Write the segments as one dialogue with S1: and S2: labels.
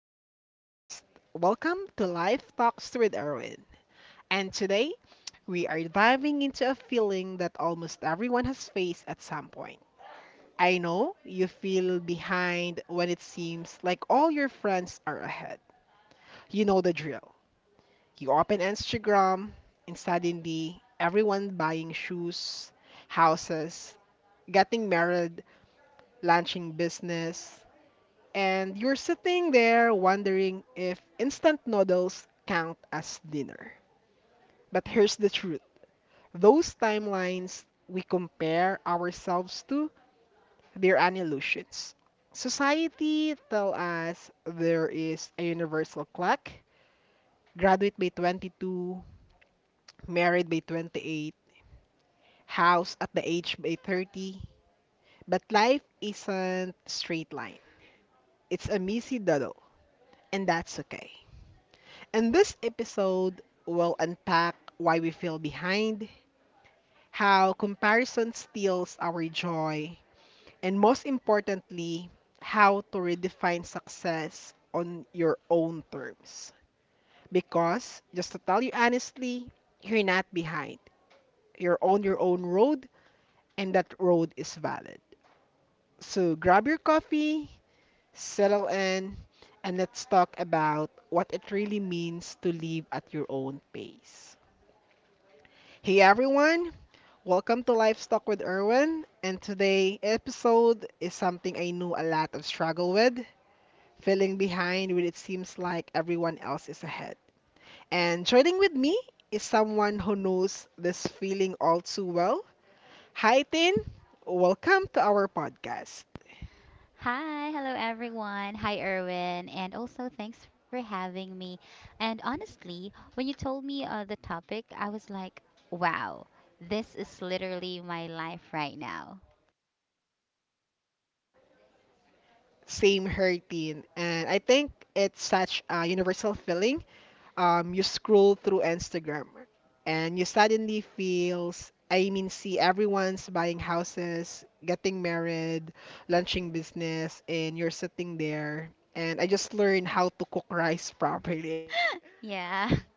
S1: our podcast. Welcome to Life Talks with Erwin. And today, we are diving into a feeling that almost everyone has faced at some point. I know you feel behind when it seems like all your friends are ahead. You know the drill. You open Instagram, and suddenly everyone buying shoes, houses, getting married, launching business, and you're sitting there wondering if instant noodles count as dinner. But here's the truth, those timelines we compare ourselves to, they're an illusions. Society tell us there is a universal clock, graduate by 22, married by 28, house at the age by 30, but life isn't straight line. It's a messy doodle, and that's okay. In this episode we will unpack why we feel behind, how comparison steals our joy, and most importantly, how to redefine success on your own terms. Because, just to tell you honestly, you're not behind. You're on your own road, and that road is valid. So grab your coffee, settle in, and let's talk about what it really means to live at your own pace. Hey everyone, welcome to Livestock with Erwin, and today episode is something I know a lot of struggle with, feeling behind when it seems like everyone else is ahead. And joining with me is someone who knows this feeling all too well. Hi Tin, welcome to our podcast.
S2: Hi, hello everyone. Hi, Erwin. And also, thanks for having me. And honestly, when you told me the topic, I was like, wow, this is literally my life right now.
S1: Same here, Tin, and I think it's such a universal feeling. You scroll through Instagram and you suddenly feels, see everyone's buying houses, getting married, launching business and you're sitting there, and I just learned how to cook rice properly anyway.
S2: Yeah,
S1: Um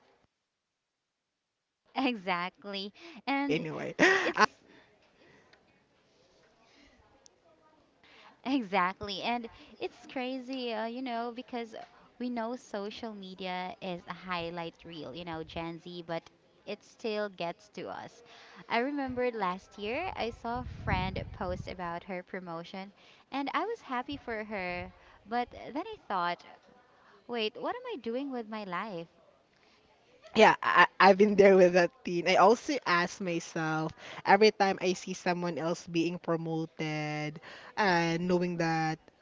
S2: exactly. And it's Exactly. And it's crazy, you know, because we know social media is a highlight reel, you know, Gen Z, but it still gets to us. I remember last year I saw a friend post about her promotion and I was happy for her, but then I thought, wait, what am I doing with my life?
S1: yeah, I've been there with that teen. I also ask myself every time I see someone else being promoted and knowing that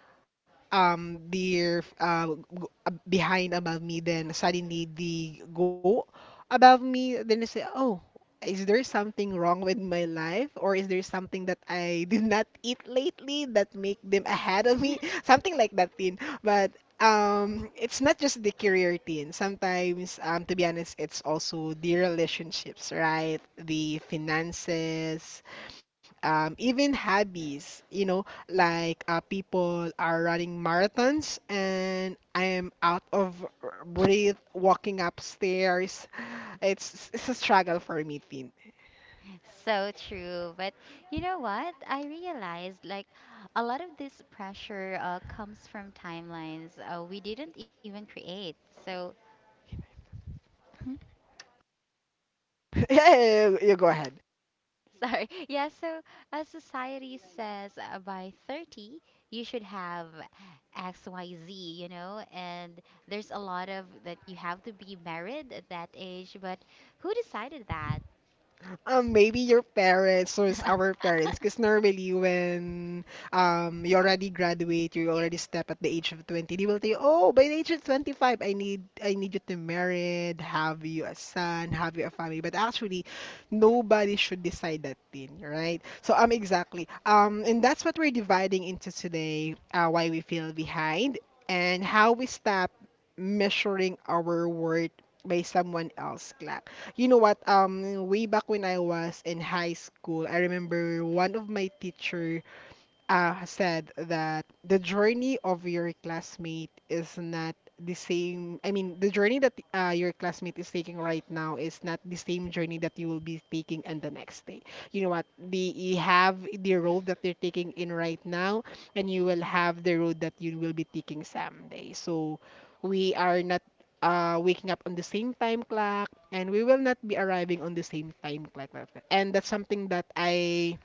S1: they're behind above me, then suddenly they go above me, then I say, oh, is there something wrong with my life, or is there something that I did not eat lately that make them ahead of me, something like that thing. But it's not just the career thing sometimes. To be honest, it's also the relationships, right, the finances, even hobbies. You know, like people are running marathons and I am out of breath walking upstairs. It's a struggle for me, Tin.
S2: So true. But you know what? I realized like a lot of this pressure comes from timelines we didn't even create. So,
S1: Yeah, you go ahead.
S2: sorry. Yeah, so society says by 30, you should have XYZ, you know? And there's a lot of that you have to be married at that age, but who decided that?
S1: Maybe your parents or our parents, because normally when you already graduate, you already step at the age of 20, they will tell you, oh, by the age of 25, I need you to married, have you a son, have you a family. But actually, nobody should decide that thing, right? So exactly. And that's what we're dividing into today, why we feel behind and how we stop measuring our worth by someone else clap. You know what? Way back when I was in high school, I remember one of my teacher said that the journey of your classmate is not the same. I mean, the journey that your classmate is taking right now is not the same journey that you will be taking on the next day. You know what? They have the road that they're taking in right now, and you will have the road that you will be taking someday. So we are not waking up on the same time clock, and we will not be arriving on the same time clock. And that's something that I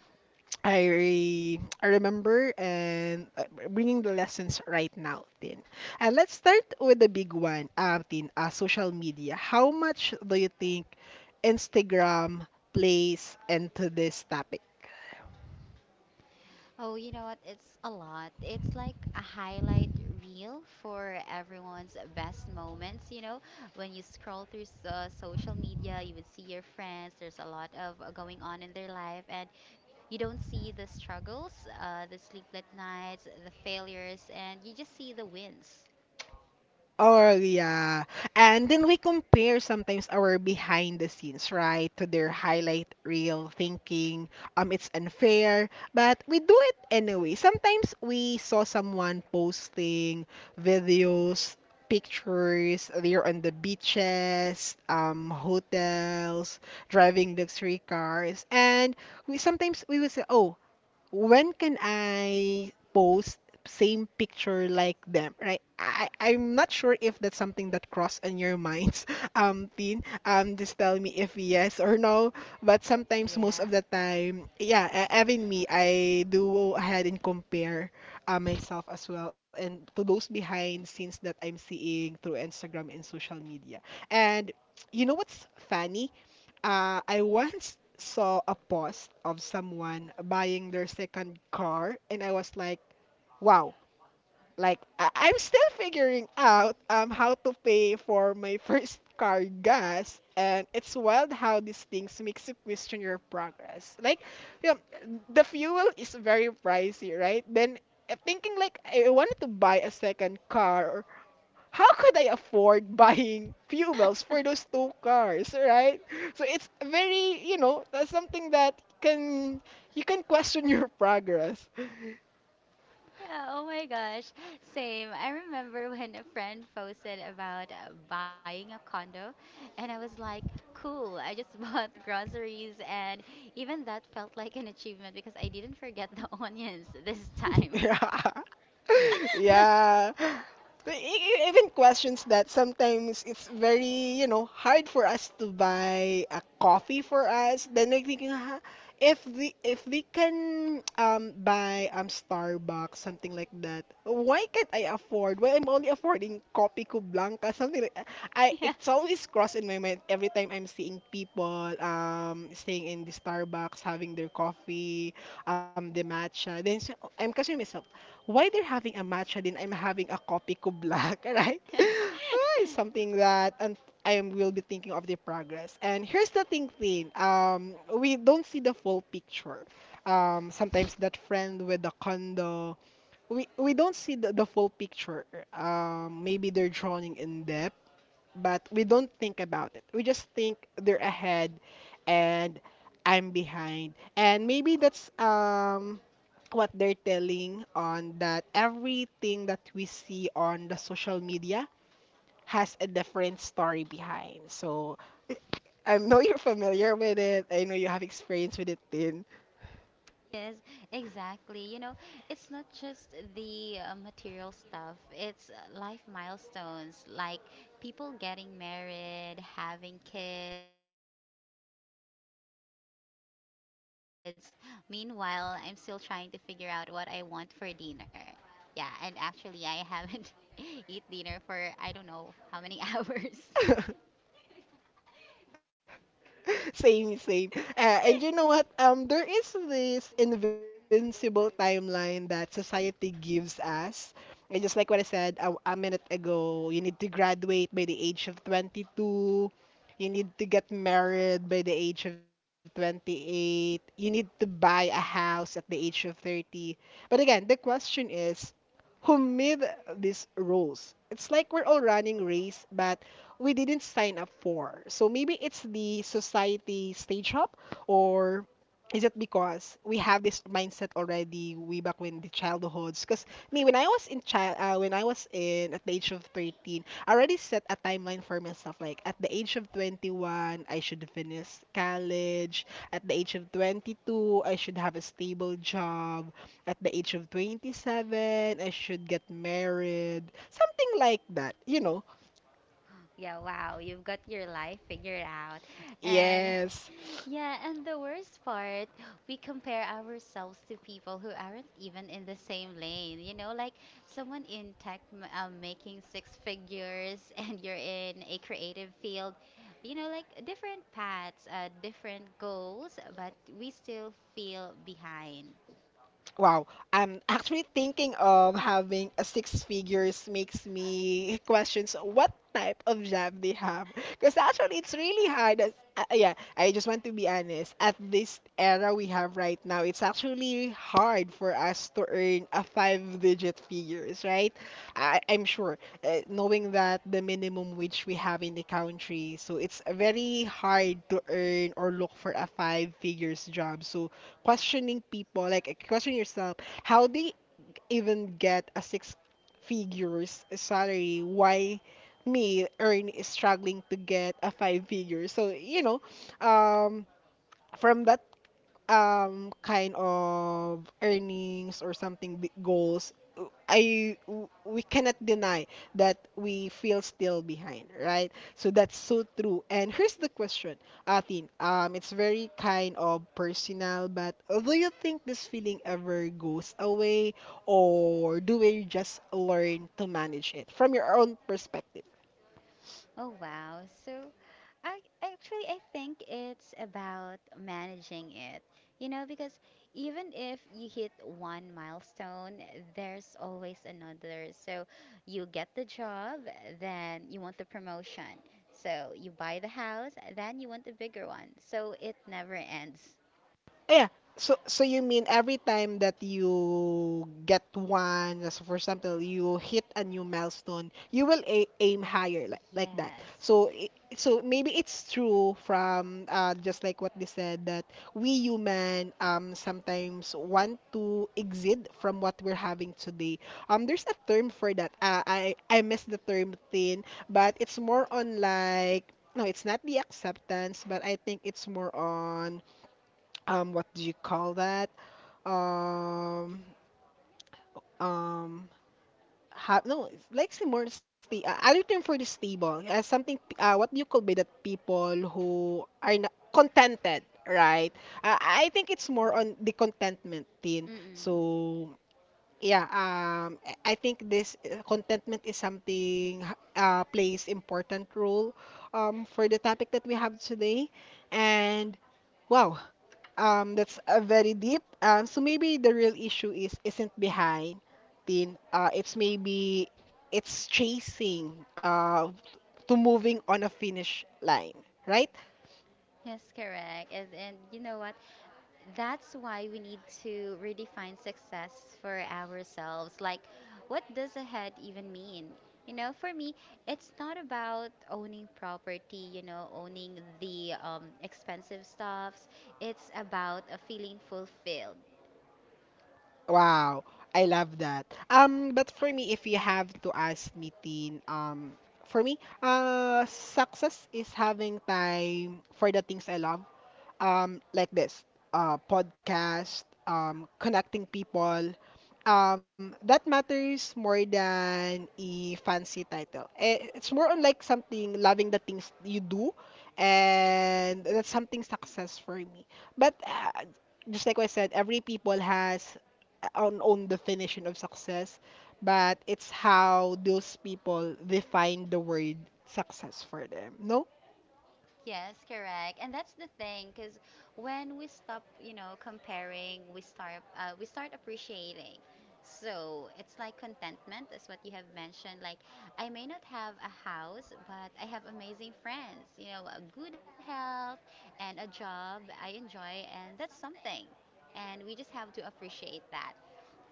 S1: I I remember, and bringing the lessons right now, Tin. And let's start with the big one, Tin, social media. How much do you think Instagram plays into this topic?
S2: Oh, you know what? It's a lot. It's like a highlight reel for everyone's best moments. You know, when you scroll through social media, you would see your friends. There's a lot of going on in their life, and you don't see the struggles, the sleepless nights, the failures, and you just see the wins.
S1: Oh yeah. And then we compare sometimes our behind the scenes, right, to their highlight reel, thinking, it's unfair, but we do it anyway. Sometimes we saw someone posting videos, pictures, they're on the beaches, hotels, driving luxury cars, and we would say, "Oh, when can I post same picture like them," right? I am not sure if that's something that crossed on your minds, Tin. Just tell me if yes or no. But sometimes,
S2: Yeah.
S1: most of the time, yeah, even me, I do go ahead and compare myself as well, and to those behind scenes that I'm seeing through Instagram and social media. And you know what's funny? I once saw a post of someone buying their second car, and I was like, wow, like I'm still figuring out how to pay for my first car gas, and it's wild how these things makes you question your progress. Like, you know, the fuel is very pricey, right? Then thinking like I wanted to buy a second car, or how could I afford buying fuels for those two cars, right? So it's very, you know, that's something that can you can question your progress.
S2: Yeah, oh my gosh. Same. I remember when a friend posted about buying a condo, and I was like, cool, I just bought groceries, and even that felt like an achievement because I didn't forget the onions this time.
S1: Yeah. Yeah. But even questions that sometimes it's very, you know, hard for us to buy a coffee for us. Then like thinking, "Ha, if they can buy Starbucks something like that, why can't I afford? Why I'm only affording Kopi Ko Blanca something like I,
S2: Yeah.
S1: it's always crossed in my mind every time I'm seeing people staying in the Starbucks having their coffee, the matcha." Then so, I'm questioning myself, why they're having a matcha then I'm having a kopi ko black, right? Ah, it's something that, and I will be thinking of the progress. And here's the thing, we don't see the full picture. Sometimes that friend with the condo, we don't see the full picture. Maybe they're drawing in depth, but we don't think about it. We just think they're ahead and I'm behind. And maybe that's what they're telling on that everything that we see on the social media has a different story behind. So I know you're familiar with it. I know you have experience with it, Tin.
S2: Yes, exactly. You know, it's not just the material stuff, it's life milestones like people getting married, having kids. Meanwhile, I'm still trying to figure out what I want for dinner. Yeah, and actually, I haven't eat dinner for I don't know how many hours.
S1: Same. And you know what? There is this invincible timeline that society gives us. And just like what I said a minute ago, you need to graduate by the age of 22. You need to get married by the age of 28. You need to buy a house at the age of 30. But again, the question is, who made these rules? It's like we're all running race, but we didn't sign up for. So maybe it's the society stage up, or is it because we have this mindset already way back when the childhoods? Because me, when I was in child, when I was in at the age of 13, I already set a timeline for myself. Like at the age of 21, I should finish college. At the age of 22, I should have a stable job. At the age of 27, I should get married. Something like that, you know?
S2: Yeah, wow. You've got your life figured out. And
S1: Yes.
S2: yeah, and the worst part, we compare ourselves to people who aren't even in the same lane. You know, like someone in tech making six figures and you're in a creative field. You know, like different paths, different goals, but we still feel behind.
S1: Wow. Actually thinking of having a six figures makes me questions what type of job they have. Because actually, it's really hard. As, yeah, I just want to be honest. At this era we have right now, it's actually hard for us to earn a five-digit figures, right? I'm sure, knowing that the minimum wage we have in the country, so it's very hard to earn or look for a five figures job. So questioning people, like questioning yourself, how they even get a six figures salary? Why me, Earn, is struggling to get a five figure? So, you know, um, from that kind of earnings or something big goals, we cannot deny that we feel still behind, right? So that's so true. And here's the question, atin, it's very kind of personal, but do you think this feeling ever goes away, or do we just learn to manage it from your own perspective?
S2: Oh wow. So I actually I think it's about managing it. You know, because even if you hit one milestone, there's always another. So you get the job, then you want the promotion. So you buy the house, then you want the bigger one. So it never ends.
S1: Oh, yeah. So so you mean every time that you get one, as for example, you hit a new milestone, you will a aim higher,
S2: Yes.
S1: like that.
S2: Yeah.
S1: So maybe it's true from just like what they said that we human sometimes want to exceed from what we're having today. There's a term for that. I miss the term thin, but it's more on like, no, it's not the acceptance, but I think it's more on what do you call that um um ha no It's like say more sta other term for the stable, something what do you call be that people who are not contented, right? Uh, I think it's more on the contentment thing.
S2: Mm-mm.
S1: So yeah, I think this contentment is something, plays important role for the topic that we have today. And wow, that's very deep. So maybe the real issue is isn't behind, Tin. It's maybe, it's chasing, to moving on a finish line, right?
S2: Yes, correct. And you know what? That's why we need to redefine success for ourselves. Like, what does ahead even mean? You know, for me, it's not about owning property, you know, owning the expensive stuffs. It's about a feeling fulfilled.
S1: Wow, I love that. But for me, if you have to ask me, Tin, for me, success is having time for the things I love, like this, podcast, connecting people. That matters more than a fancy title. Eh, it's more on like something loving the things you do, and that's something success for me. But just like what I said, every people has own definition of success, but it's how those people define the word success for them. No?
S2: Yes, correct. And that's the thing, because when we stop, you know, comparing, we start appreciating. So it's like contentment is what you have mentioned. Like I may not have a house, but I have amazing friends, you know, a good health and a job I enjoy, and that's something. And we just have to appreciate that.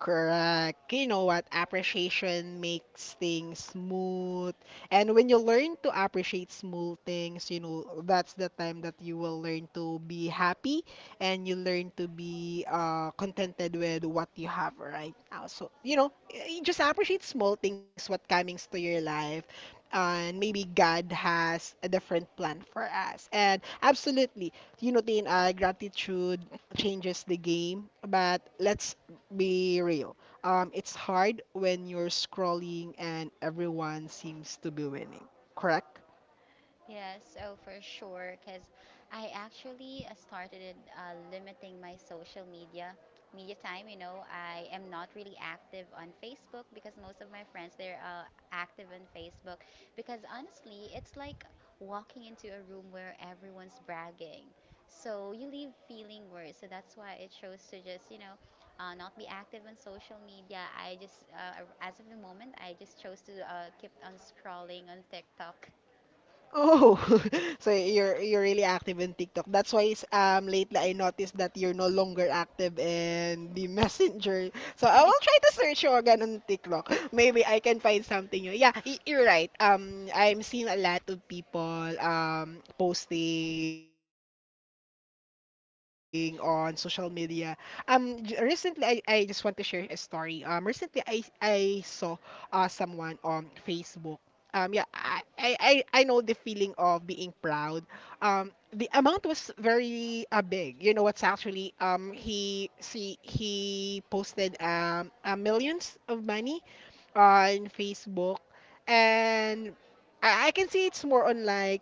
S1: Correct. You know what? Appreciation makes things smooth. And when you learn to appreciate small things, you know, that's the time that you will learn to be happy, and you learn to be contented with what you have right now. So, you know, just appreciate small things, what comings to your life. And maybe God has a different plan for us. And absolutely, you know, Tin, gratitude changes the game. But let's be real. It's hard when you're scrolling and everyone seems to be winning, correct?
S2: Yeah, so for sure, because I actually started limiting my social media time. You know, I am not really active on Facebook because most of my friends they're active on Facebook. Because honestly, it's like walking into a room where everyone's bragging, so you leave feeling worse. So that's why I chose to just you know. Not be active on social media. As of the moment, I just chose to keep on scrolling on TikTok.
S1: Oh, so you're really active in TikTok. That's why lately I noticed that you're no longer active in the messenger. So I will try to search you again on TikTok. Maybe I can find something new. Yeah, you're right. I'm seeing a lot of people posting on social media. Recently, I just want to share a story. Recently, I saw someone on Facebook. um yeah I, I i I know the feeling of being proud. The amount was very big. You know what's actually, he posted millions of money on Facebook. And I can see it's more on like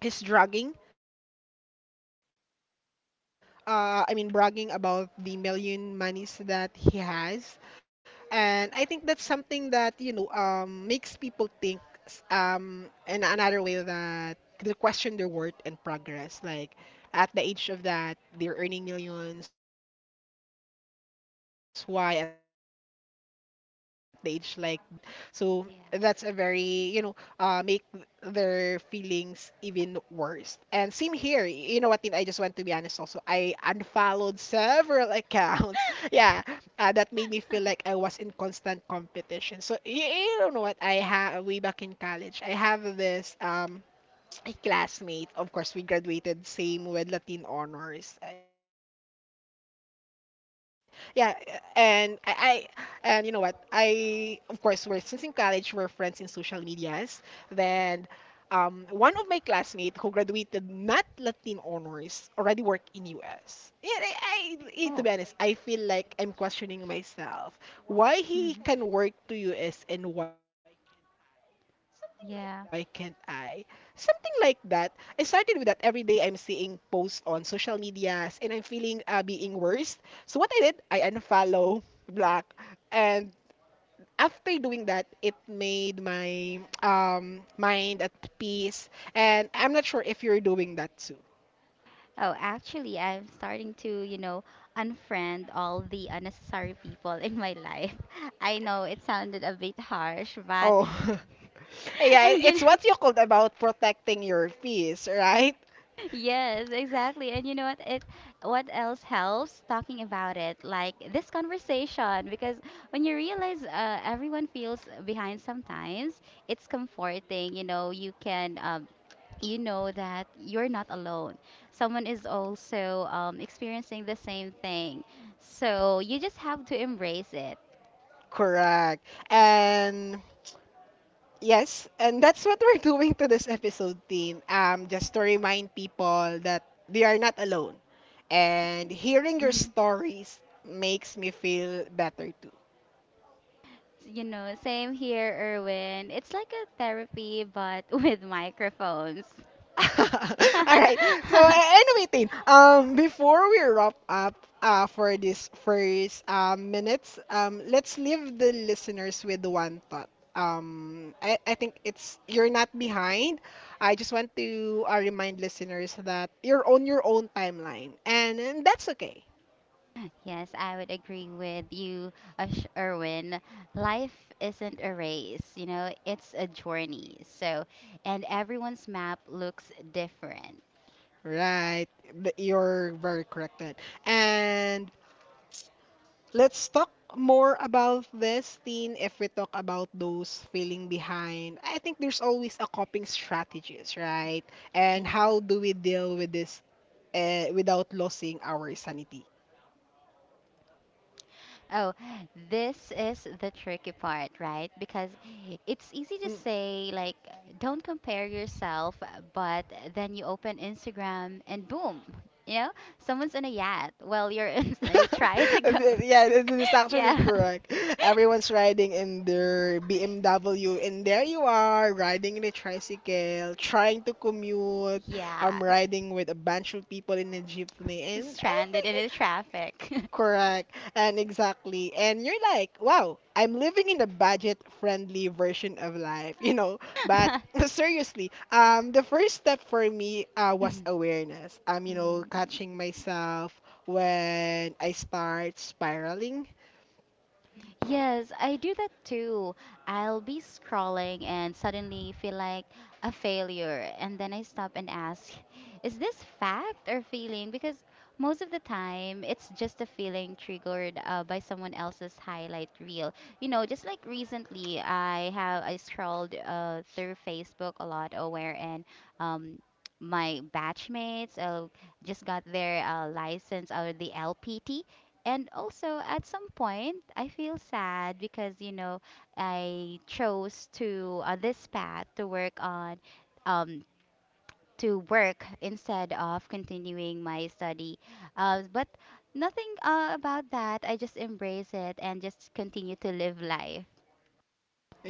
S1: he's dragging, bragging about the million monies that he has. And I think that's something that, you know, makes people think, in another way, that they question their worth and progress. Like, at the age of that, they're earning millions. Why at the age like this, I'm not earning even thousands or a hundred, right? So
S2: Yeah.
S1: that's a very, you know, make their feelings even worse. And same here. You know what, Tin? I just want to be honest also. I unfollowed several accounts. Yeah, that made me feel like I was in constant competition. So you don't know what I have way back in college. I have this a classmate. Of course, we graduated same with Latin honors. Yeah, and I, I and you know what? I of course we're, since in college we're friends in social medias. Then one of my classmates who graduated not Latin honors already work in US. To be
S2: Oh.
S1: honest, I feel like I'm questioning myself. Why he
S2: Mhm.
S1: can work to US and why can't I? Something like
S2: Yeah.
S1: that. I started with that every day I'm seeing posts on social medias and I'm feeling being worse. So what I did, I unfollow, block, and after doing that, it made my mind at peace. And I'm not sure if you're doing that too.
S2: Oh, actually, I'm starting to, you know, unfriend all the unnecessary people in my life. I know it sounded a bit harsh, but
S1: Oh, yeah,
S2: you know.
S1: it's what you called about protecting your peace, right?
S2: Yes, exactly. And you know what? It what else helps talking about it, like this conversation, because when you realize everyone feels behind sometimes, it's comforting. You know, you know that you're not alone. Someone is also experiencing the same thing, so you just have to embrace it.
S1: Correct. And yes, and that's what we're doing to this episode, team. Just to remind people that they are not alone. And hearing your
S2: Mhm.
S1: stories makes me feel better too.
S2: You know, same here, Erwin. It's like a therapy, but with microphones.
S1: All right. So anyway, Tin, before we wrap up, for this first minutes, let's leave the listeners with one thought. I think it's you're not behind. I just want to remind listeners that you're on your own timeline, and that's okay,
S2: Yes, I would agree with you, Ash Erwin. Life isn't a race, you know, it's a journey. So, and everyone's map looks different.
S1: right? You're very correct, Tin. And let's talk more about this, Tin. If we talk about those feeling behind, I think there's always a coping strategies, right?
S2: Yeah.
S1: And how do we deal with this without losing our sanity?
S2: Oh, this is the tricky part, right? Because it's easy to
S1: Mm.
S2: say, like, don't compare yourself, but then you open Instagram and boom, you know, someone's in a yacht. Well, you're in a tricycle.
S1: Yeah, this is actually
S2: Yeah.
S1: correct. Everyone's riding in their BMW, and there you are, riding in a tricycle, trying to commute.
S2: yeah,
S1: I'm riding with a bunch of people in a jeepney, and I
S2: stranded in
S1: think,
S2: the traffic.
S1: correct. And exactly. And you're like, wow, I'm living in a budget-friendly version of life, you know. But seriously, the first step for me was awareness. You know,
S2: Mm.
S1: catching myself when I start spiraling.
S2: Yes, I do that too. I'll be scrolling and suddenly feel like a failure. And then I stop and ask, is this fact or feeling? Because most of the time, it's just a feeling triggered by someone else's highlight reel. You know, just like recently, I scrolled through Facebook a lot, where and um, my batchmates just got their license or the LPT and also, at some point, I feel sad because, you know, I chose to this path to work on, um, to work instead of continuing my study. But nothing about that. I just embrace it and just continue to live life.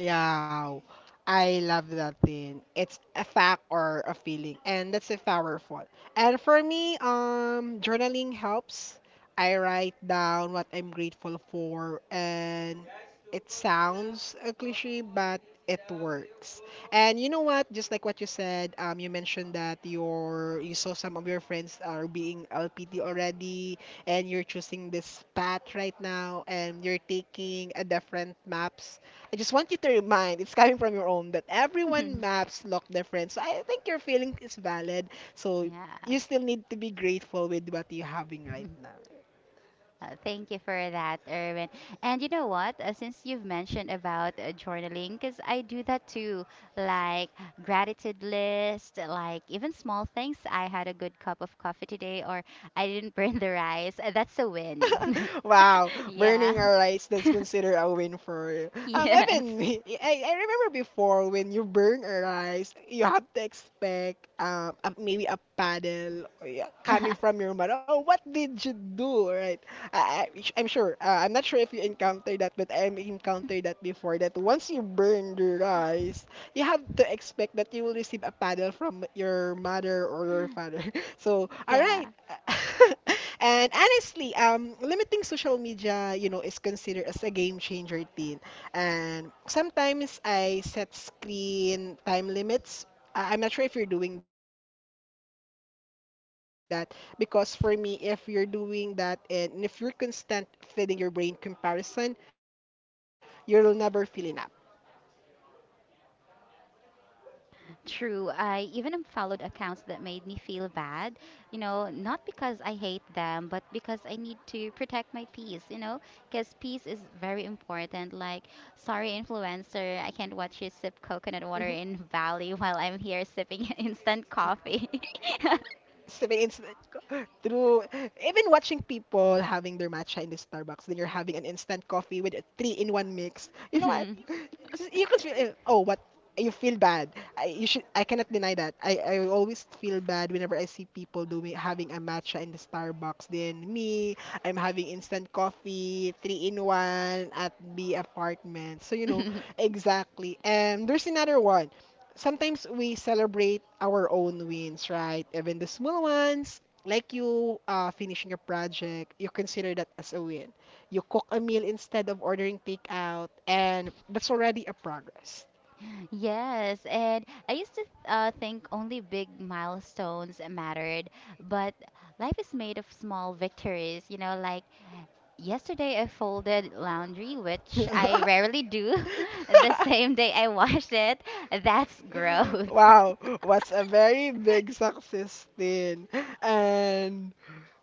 S1: Yeah, I love that thing. It's a fact or a feeling, and that's a powerful. And for me, journaling helps. I write down what I'm grateful for, and it sounds a cliche, but it works. And you know what? Just like what you said, you mentioned that your you saw some of your friends are being LPT already, and you're choosing this path right now, and you're taking a different map. I just want you to remind, it's coming from your own, that everyone maps look different. So I think your feeling is valid. So you
S2: Yes.
S1: still need to be grateful with what you're having right now.
S2: Thank you for that, Erwin. And you know what? Since you've mentioned about journaling, because I do that too, like gratitude list, like even small things. I had a good cup of coffee today, or I didn't burn the rice. That's a win.
S1: Wow,
S2: Yeah.
S1: burning our rice, that's considered a win for you. Even
S2: Yes.
S1: me, I remember before when you burn a rice, you have to expect a, maybe a paddle or, yeah, coming from your mother. Oh, what did you do? Right? I, I I'm sure. I'm not sure if you encountered that, but I encountered that before. That once you burn the rice, you have to expect that you will receive a paddle from your mother or your father. So, all right.
S2: Yeah.
S1: And honestly, limiting social media, you know, is considered as a game changer thing. And sometimes I set screen time limits. I'm not sure if you're doing that, because for me, if you're doing that and if you're constant feeding your brain comparison, you'll never feel enough.
S2: True. I even unfollowed accounts that made me feel bad, you know, not because I hate them, but because I need to protect my peace, you know, because peace is very important. Like, sorry, influencer, I can't watch you
S1: Hmm,
S2: sip coconut water in Bali while I'm here sipping instant coffee.
S1: specific incident ko. True. Even watching people having their matcha in the Starbucks, then you're having an instant coffee with a three-in-one mix. You know what? Just, you could feel, eh, oh, but you feel bad. I you should. I cannot deny that. I always feel bad whenever I see people doing having a matcha in the Starbucks. Then me, I'm having instant coffee, three in one at the apartment. So you know,
S2: Mhm.
S1: exactly. And there's another one, sometimes we celebrate our own wins, right? Even the small ones, like you, finishing a project, you consider that as a win. You cook a meal instead of ordering takeout, and that's already a progress.
S2: Yes, and I used to think only big milestones mattered, but life is made of small victories. You know, like yesterday I folded laundry, which I rarely do. The same day I washed it. That's growth.
S1: Wow, what's a very big success then? And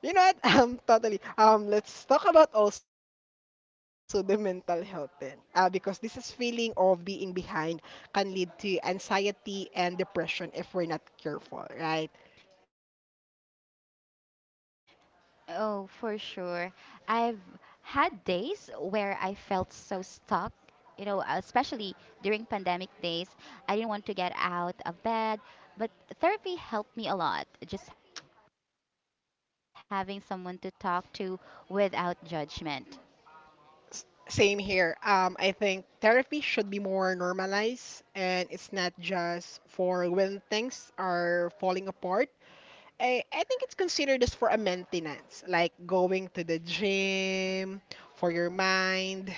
S1: you know what? Totally. Let's talk about also the mental health then. Because this is feeling of being behind can lead to anxiety and depression if we're not careful, right?
S2: Oh, for sure. I've had days where I felt so stuck, you know, especially during pandemic days. I didn't want to get out of bed, but therapy helped me a lot, just having someone to talk to without judgment.
S1: Same here. I think therapy should be more normalized, and it's not just for when things are falling apart. I think it's considered as for a maintenance, like going to the gym for your mind.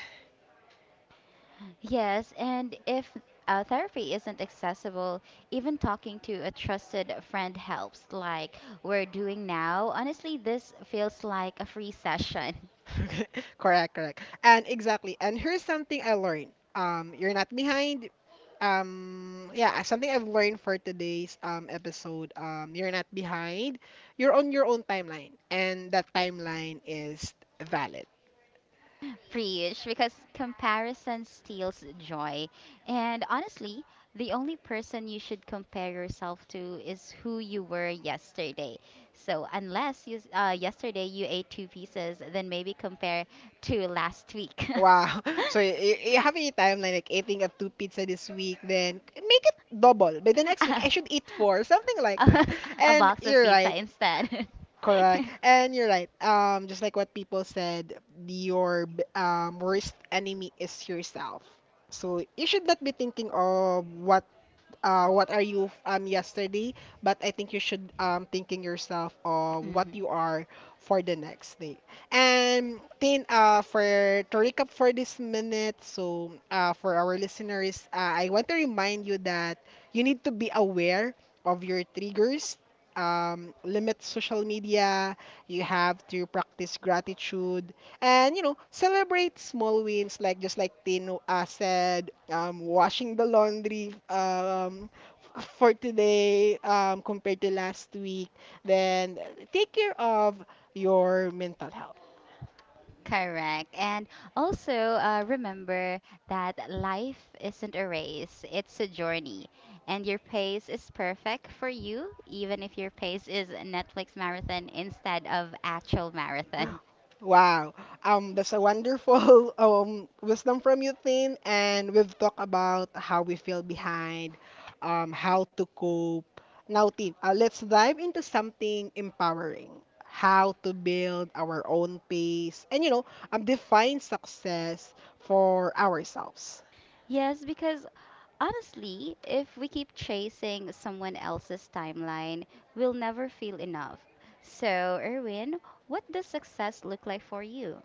S2: Yes, and if therapy isn't accessible, even talking to a trusted friend helps, like we're doing now. Honestly, this feels like a free session.
S1: Correct, correct. And exactly. And here's something I learned. You're not behind. Yeah, something I've learned for today's episode. You're not behind. You're on your own timeline, and that timeline is valid.
S2: Preach, because comparison steals joy. And honestly, the only person you should compare yourself to is who you were yesterday. So unless you, yesterday you ate two pieces, then maybe compare to last week.
S1: Wow. So you have a timeline like eating a two pizza this week, then make it double. By the next week, I should eat four, something like that.
S2: A
S1: And
S2: box of
S1: you're right.
S2: pizza instead.
S1: Correct. And you're right. Just like what people said, your worst enemy is yourself. So you should not be thinking of what, what are you yesterday, but I think you should thinking yourself of what
S2: Mhm.
S1: you are for the next day. And then for, to recap for this minute, so for our listeners, I want to remind you that you need to be aware of your triggers. Limit social media. You have to practice gratitude, and you know, celebrate small wins, like just like Tino, said, washing the laundry, for today, compared to last week. Then, take care of your mental health.
S2: Correct. And also, remember that life isn't a race, it's a journey. And your pace is perfect for you, even if your pace is Netflix marathon instead of actual marathon.
S1: Wow. That's a wonderful wisdom from you, Tin. And we've talked about how we feel behind, how to cope. Now, Tin, let's dive into something empowering. How to build our own pace, and you know, define success for ourselves.
S2: Yes, because honestly, if we keep chasing someone else's timeline, we'll never feel enough. So, Erwin, what does success look like for you?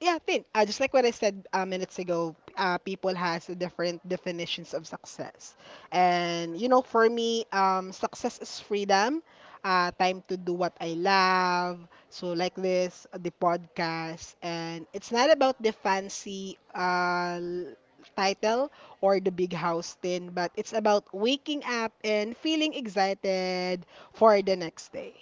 S1: Yeah, I just like what I said minutes ago, people has different definitions of success, and you know, for me, success is freedom, time to do what I love. So like this, the podcast. And it's not about the fancy title or the big house thing, but it's about waking up and feeling excited for the next day.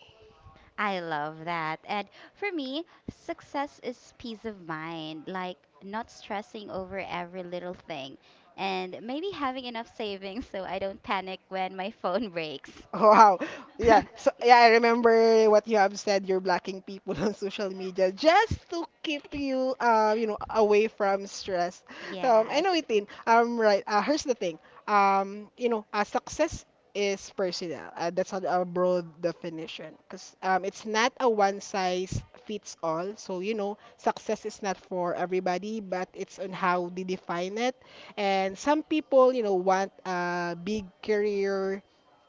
S2: I love that. And for me, success is peace of mind, like not stressing over every little thing, and maybe having enough savings so I don't panic when my phone breaks.
S1: Oh, wow. Yeah. So yeah, I remember what you have said. You're blocking people on social media just to keep you, away from stress. So, Um,
S2: Yes.
S1: anyway, Tin. Right. Here's the thing. Success is personal. That's a broad definition. Cause it's not a one size fits all. So you know, success is not for everybody, but it's on how they define it. And some people, you know, want a big career,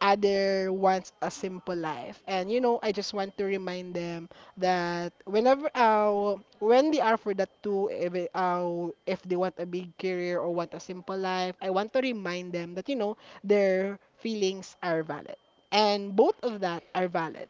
S1: other wants a simple life. And you know, I just want to remind them that whenever when they are for that too, if, it- if they want a big career or want a simple life, I want to remind them that you know their feelings are valid, and both of that are valid.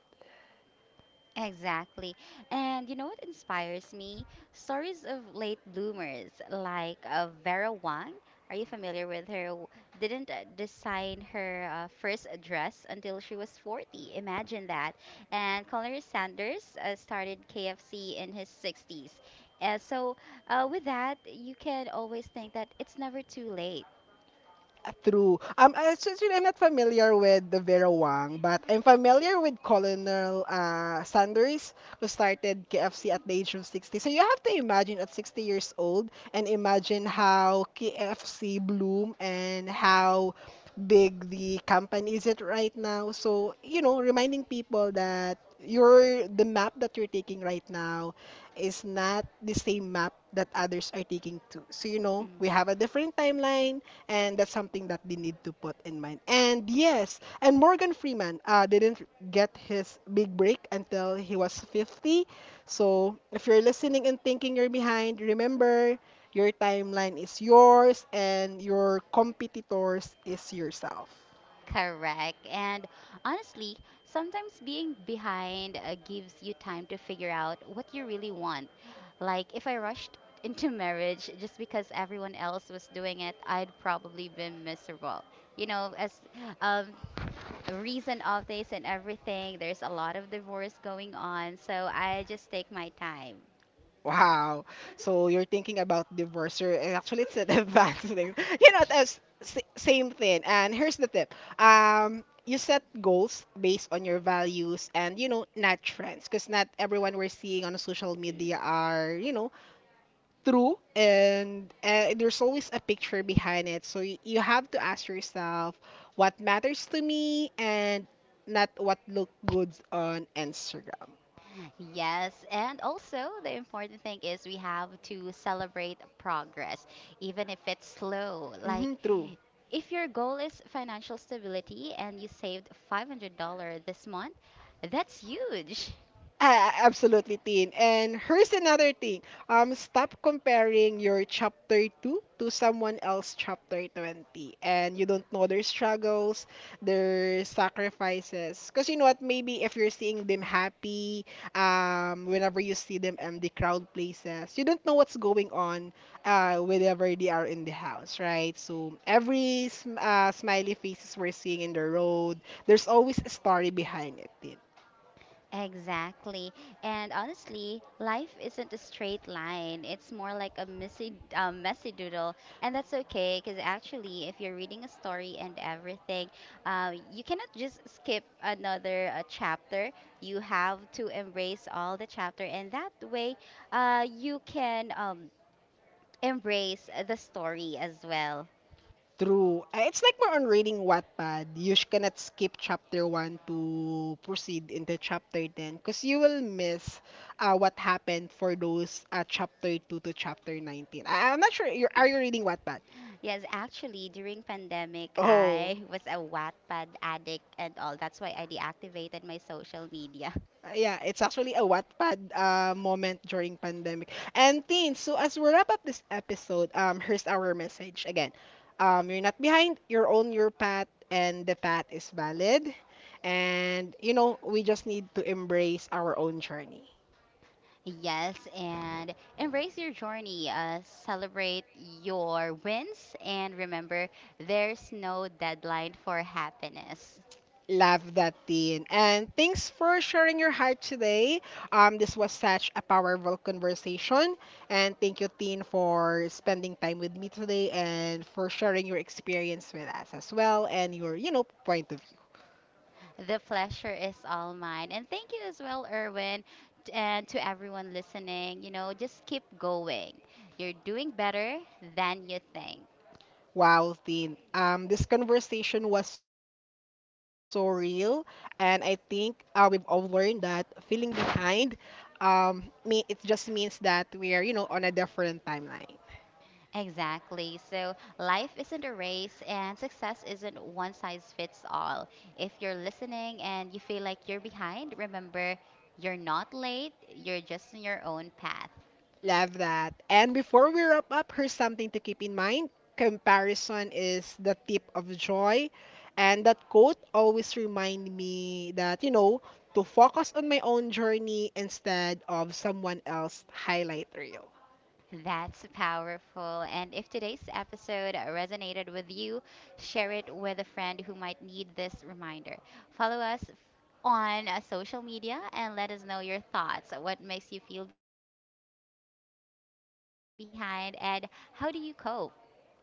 S2: Exactly. And you know what inspires me? Stories of late bloomers like Vera Wang. Are you familiar with her? W- Didn't design her first dress until she was 40. Imagine that. And Colonel Sanders started KFC in his 60s. Uh, so, with that, you can always think that it's never too late.
S1: True. Since I'm not familiar with the Vera Wang, but I'm familiar with Colonel Sanders, who started KFC at the age of 60. So you have to imagine at 60 years old and imagine how KFC bloom and how big the company is it right now. So, you know, reminding people that your the map that you're taking right now is not the same map that others are taking too. So, you know,
S2: Mm.
S1: we have a different timeline, and that's something that they need to put in mind. And yes, and Morgan Freeman didn't get his big break until he was 50. So if you're listening and thinking you're behind, remember your timeline is yours and your competitors is yourself.
S2: Correct. And honestly, sometimes being behind gives you time to figure out what you really want. Like, if I rushed into marriage just because everyone else was doing it, I'd probably been miserable. You know, as um, reason of this and everything, there's a lot of divorce going on. So I just take my time.
S1: Wow. So you're thinking about divorce. Or actually, it's an advanced thing. You know, that's same thing. And here's the tip. You set goals based on your values and you know not trends, because not everyone we're seeing on social media are you know true. And there's always a picture behind it. So you have to ask yourself what matters to me and not what look good on Instagram.
S2: Yes, and also the important thing is we have to celebrate progress, even if it's slow. Like,
S1: Mm-hmm, true.
S2: if your goal is financial stability and you saved $500 this month, that's huge.
S1: Ah, absolutely, Tin. And here's another thing. Stop comparing your chapter 2 to someone else chapter 20. And you don't know their struggles, their sacrifices. Because you know what? Maybe if you're seeing them happy, whenever you see them in the crowd places, you don't know what's going on whenever they are in the house, right? So every smiley faces we're seeing in the road, there's always a story behind it, Tin.
S2: Exactly. And honestly, life isn't a straight line. It's more like a messy, messy doodle. And that's okay, because actually, if you're reading a story and everything, you cannot just skip another chapter. You have to embrace all the chapter. And that way, you can embrace the story as well.
S1: True. It's like more on reading Wattpad. You cannot skip chapter 1 to proceed into chapter 10 because you will miss what happened for those chapter 2 to chapter 19. I'm not sure. Are you reading Wattpad?
S2: Yes, actually, during pandemic,
S1: Oh.
S2: I was a Wattpad addict and all. That's why I deactivated my social media.
S1: Yeah, it's actually a Wattpad moment during pandemic. And teens, so as we wrap up this episode, here's our message again. You're not behind. You're on your path, and the path is valid. And you know, we just need to embrace our own journey.
S2: Yes, and embrace your journey. Celebrate your wins, and remember, there's no deadline for happiness.
S1: Love that, Dean. And thanks for sharing your heart today. This was such a powerful conversation. And thank you, Dean, for spending time with me today and for sharing your experience with us as well and your, you know, point of view.
S2: The pleasure is all mine. And thank you as well, Erwin, and to everyone listening. You know, just keep going. You're doing better than you think.
S1: Wow, Dean. This conversation was so real, and I think we've all learned that feeling behind, me it just means that we're, you know, on a different timeline.
S2: Exactly. So life isn't a race and success isn't one size fits all. If you're listening and you feel like you're behind, remember you're not late, you're just on your own path.
S1: Love that. And before we wrap up, here's something to keep in mind. Comparison is the tip of joy. And that quote always remind me that, you know, to focus on my own journey instead of someone else's highlight reel.
S2: That's powerful. And if today's episode resonated with you, share it with a friend who might need this reminder. Follow us on social media and let us know your thoughts. What makes you feel behind and how do you cope?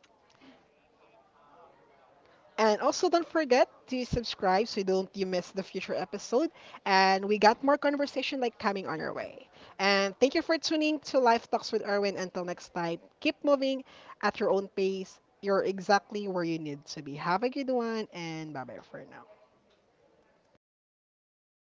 S1: And also, don't forget to subscribe so don't you miss the future episode. And we got more conversation like coming on your way. And thank you for tuning to Life Talks with Erwin. Until next time, keep moving at your own pace. You're exactly where you need to be. Have a good one, and bye bye for now.